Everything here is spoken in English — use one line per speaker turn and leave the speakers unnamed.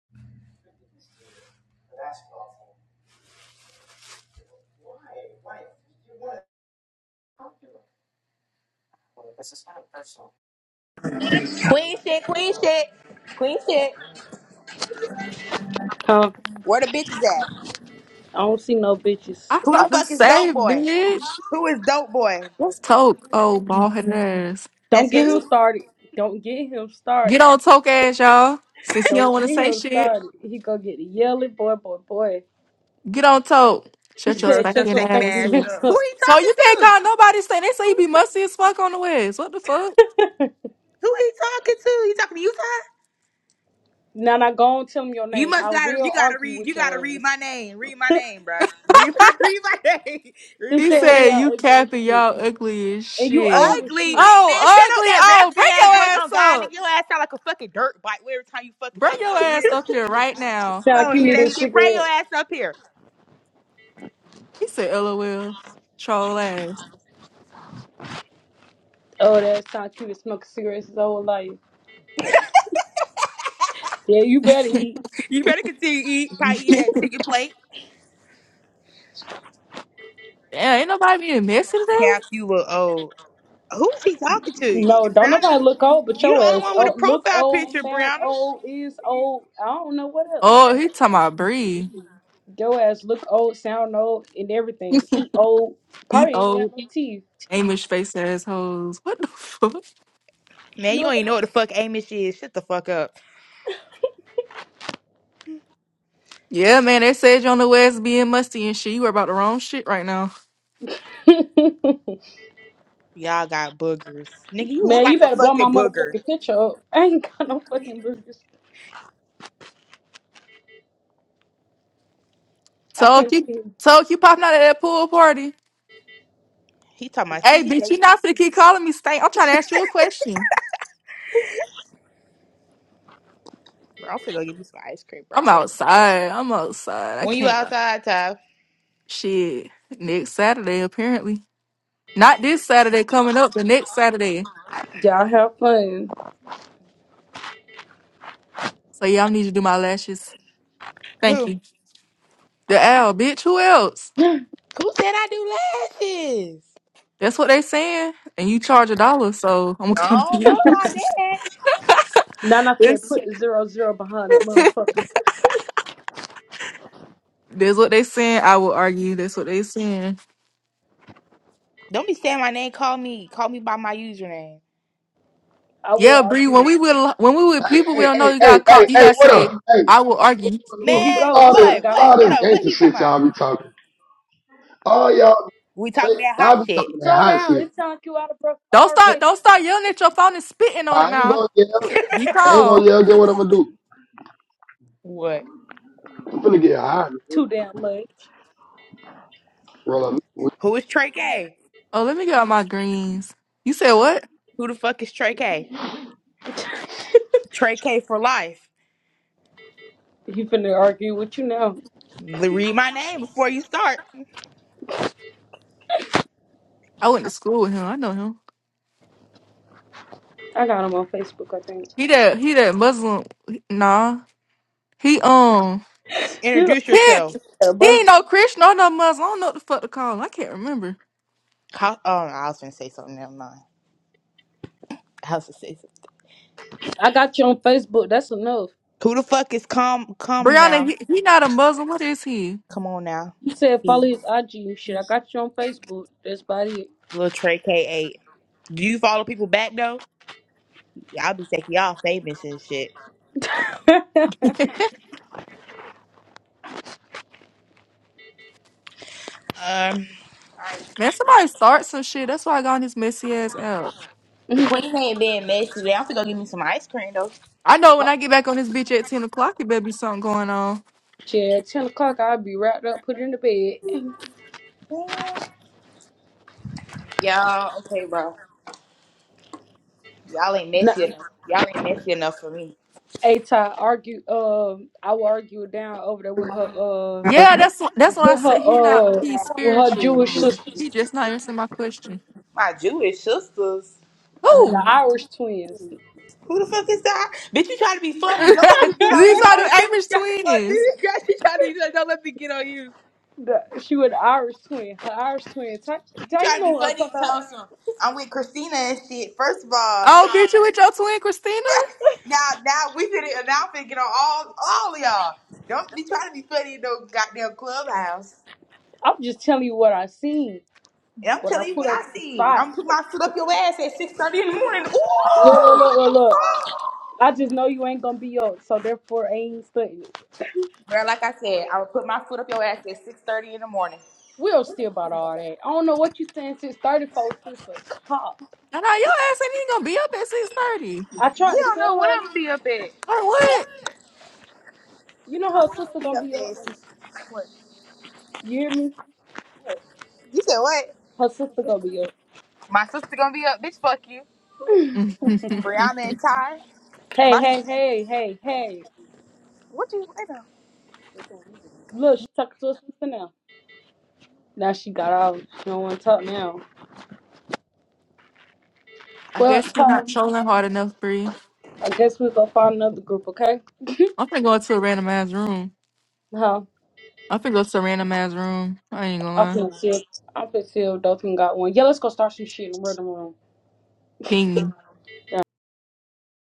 Queen shit, queen shit, queen shit.
Huh?
Where the bitches at?
I don't see no bitches.
Who the
Fuck this
fuck is dope boy?
bitch.
Who is dope boy?
Let's talk. Oh, bald head ass.
Don't
That's
get him
who?
started. Don't get him
Get
started.
on talk ass, y'all. Since he don't
Don't
want to
get
say
him
shit,
started. He gonna get yelly, boy, boy, boy.
get on talk.
He
Shut your
Bro,
said, shut
just
spanking
your
shaking
ass
ass
stinking
up.
ass
up. Who
up.
he
So
talking
you can't
to?
call nobody saying they say you be musty as fuck on the west. What the fuck?
Who he talking to? He talking to you, Ty?
Now, now, go and tell him your
You
name. I
must gotta, you
will
gotta
argue
read,
with
you gotta
your
read
ass.
my name. Read my name, bro. Read, read my name. Read
he
my
He
said,
name.
hey,
said you
y'all ugly as
capping
shit.
y'all ugly as
And you
shit.
old as
Ugly
shit.
man,
Oh,
shut up
ugly.
that
Oh,
raspy
bring
ass
your
voice on
ass
God, nigga.
up.
Your ass sound like a fucking dirt bike every time you fucking
Bring
talk.
your
Nobody wanna
ass
hear that
up here
shit.
right now.
Sound
Nobody
like
wanna
you
hear
need a
that shit. Bring your
cigarette.
ass up here.
He said, LOL. Troll ass.
Oh, that sound like you been smoking cigarettes his whole life. Yeah, you better eat.
You better continue to eat, probably eating
Damn,
that chicken plate.
ain't nobody being messy today.
Cap, you look old. Who is he talking to?
No, don't nobody
Brianna,
look old but
you
your
the only
ass.
one with a
Oh, look
profile
old,
picture,
sound
Brianna.
old, is old. I don't know what else.
Oh, he talking about Bree.
Your ass look old, sound old, and everything. Eat old.
Eat
Probably ain't
old
got no teeth.
Amish face assholes. What the fuck?
Man, you
No.
don't even know what the fuck Amish is. Shut the fuck up.
Yeah, man, they said you on the west being musty and shit. You were about the wrong shit right now.
Y'all got boogers. Nigga, you look
Man, you
like a
better blow my
fucking booger.
motherfucking picture up. I ain't got no fucking burgers. I
Told
can't
you,
see.
told you popping out at that pool party.
He talking about you.
Hey,
He said,
bitch, you
you-
not finna keep calling me stank. I'm trying to ask you a question.
bro, I'm finna go get you some ice cream, bro.
I'm
I want some.
outside. I'm outside. I
When you
can't like
outside, Ty.
shit. Next Saturday, apparently. Not this Saturday coming up, but next Saturday.
Y'all have fun.
So yeah, I need to do my lashes.
Who?
Thank you. The owl, bitch. Who else?
Who said I do lashes?
That's what they saying. And you charge a dollar, so I'm gonna come
I
to
don't know
you.
about that.
Nana said put
This.
the zero zero behind that motherfucker.
That's what they saying. I would argue. That's what they saying.
Don't be saying my name. Call me. Call me by my username.
I will
Yeah, Bree.
argue
When
that.
we with when we with people we
hey,
don't know,
hey,
you got
hey,
to call.
hey,
You
hey,
got to
what
say.
up? Hey,
I will
what's
argue.
going
Here
on?
you
What's
Man,
go.
all
Y'all
this?
done
what?
got
What's
him
What?
all
Shut
this
up.
started.
What
gangster
he talking
shit
about?
y'all be talking? All y'all,
We talking that hot
y'all be
shit.
talking that
Slow
hot
down.
shit.
It sounds like you out of breath
Don't start.
already.
Don't start yelling at your phone and spitting on
Nah,
it
I ain't
now.
gonna yell.
Be
I ain't
calm.
gonna yell. Get what I'm gonna do.
What?
I'm finna get high.
Too damn much.
Roll up.
Who is Trey K?
Oh, let me get out my greens. You said what?
Who the fuck is Trey K? Trey K for life.
He finna argue with you now.
L- Read my name before you start.
I went to school with him. I know him.
I got him on Facebook, I think.
He that he that Muslim. Nah. He um.
You
Introduce
He,
yourself.
better
he
buzz
ain't no Christian or no Muslim. I don't know what the fuck to call him. I can't remember.
How, oh, I was gonna say something. Never mind. I was gonna say something.
I got you on Facebook. That's enough.
Who the fuck is come come
Brianna,
now?
he, he not a Muslim. What is he?
Come on now.
You said
He,
follow his IG and shit. I got you on Facebook. That's about it.
little Trey K eight. Do you follow people back though? Yeah, I'll be taking y'all famous and shit. Um,
Man, somebody start some shit. That's why I got on this messy ass app.
the queen ain't being messy today. I'm gonna go get me some ice cream though.
I know when I get back on this bitch at ten o'clock, it better be something going on.
Shit, at 10 o'clock, I'll be wrapped up, put in the bed.
Yeah. Yeah. Okay, bro. Y'all ain't
Nah,
messy enough. Y'all ain't messy enough for me.
A-Ty argued, um, I will argue down over there with her, uh,
Yeah, that's wh- that's why I
with her,
said he not
uh,
he's
with her
spiritual.
Jewish sister,
He just not answering my question.
My Jewish sisters.
uh,
Who?
the Irish twins.
Who the fuck is that? Bitch, you try to be
These are
funny. Don't let me get on you. Oh, Jesus
the
Christ.
Amish
Oh,
twins.
Jesus Christ. You try to, don't let me get on you.
the, she was the Irish twin. Her Irish twin. Ta-
You
ta-
try
you
to
know
be
what I'm
funny,
talking about?
Thompson. I'm with Christina and shit. First of all,
Oh, bitch, you with your twin Christina?
now, now we did it. Now I'm finna get on all, all of y'all. Don't be trying to be funny in no goddamn clubhouse.
I'm just telling you what I seen
And I'm
when I
telling you
put
what
up to
I
the
see. I'm
spot.
putting my foot up your ass at 6.30 in the morning. Ooh,
Look, look, look,
what
look,
the
look.
fuck?
I just know you ain't gonna be up, so therefore I ain't studying it.
Girl, like I said, I would put my foot up your ass at six thirty in the morning.
We will see about all that. I don't know what you saying since 34 sister. Cop.
And now your ass ain't even gonna be up at six thirty.
I tried
You
to
don't know
tell
what I'm
her,
gonna be up at.
Like what?
you know her sister
Be
gonna
up
be up.
at.
You hear me?
You said what?
Her sister gonna be up.
My sister gonna be up, bitch. Fuck you, Brianna and Ty.
Hey,
My
hey,
sis-
hey, hey, hey.
what you? wait a minute.
Look, she talking to her sister now. Now she got out. She don't wanna talk now.
I
Well,
guess
Ty,
we not trolling hard enough, Bree.
I guess we'll go find another group, okay?
I'm finna go into a randomized room.
Huh?
I'm finna go to a randomized room. I ain't gonna
I'm
lie.
finna see if, I'm finna see if Dothan got one. Yeah, let's go start some shit in the rhythm room.
Ping me.
Yeah.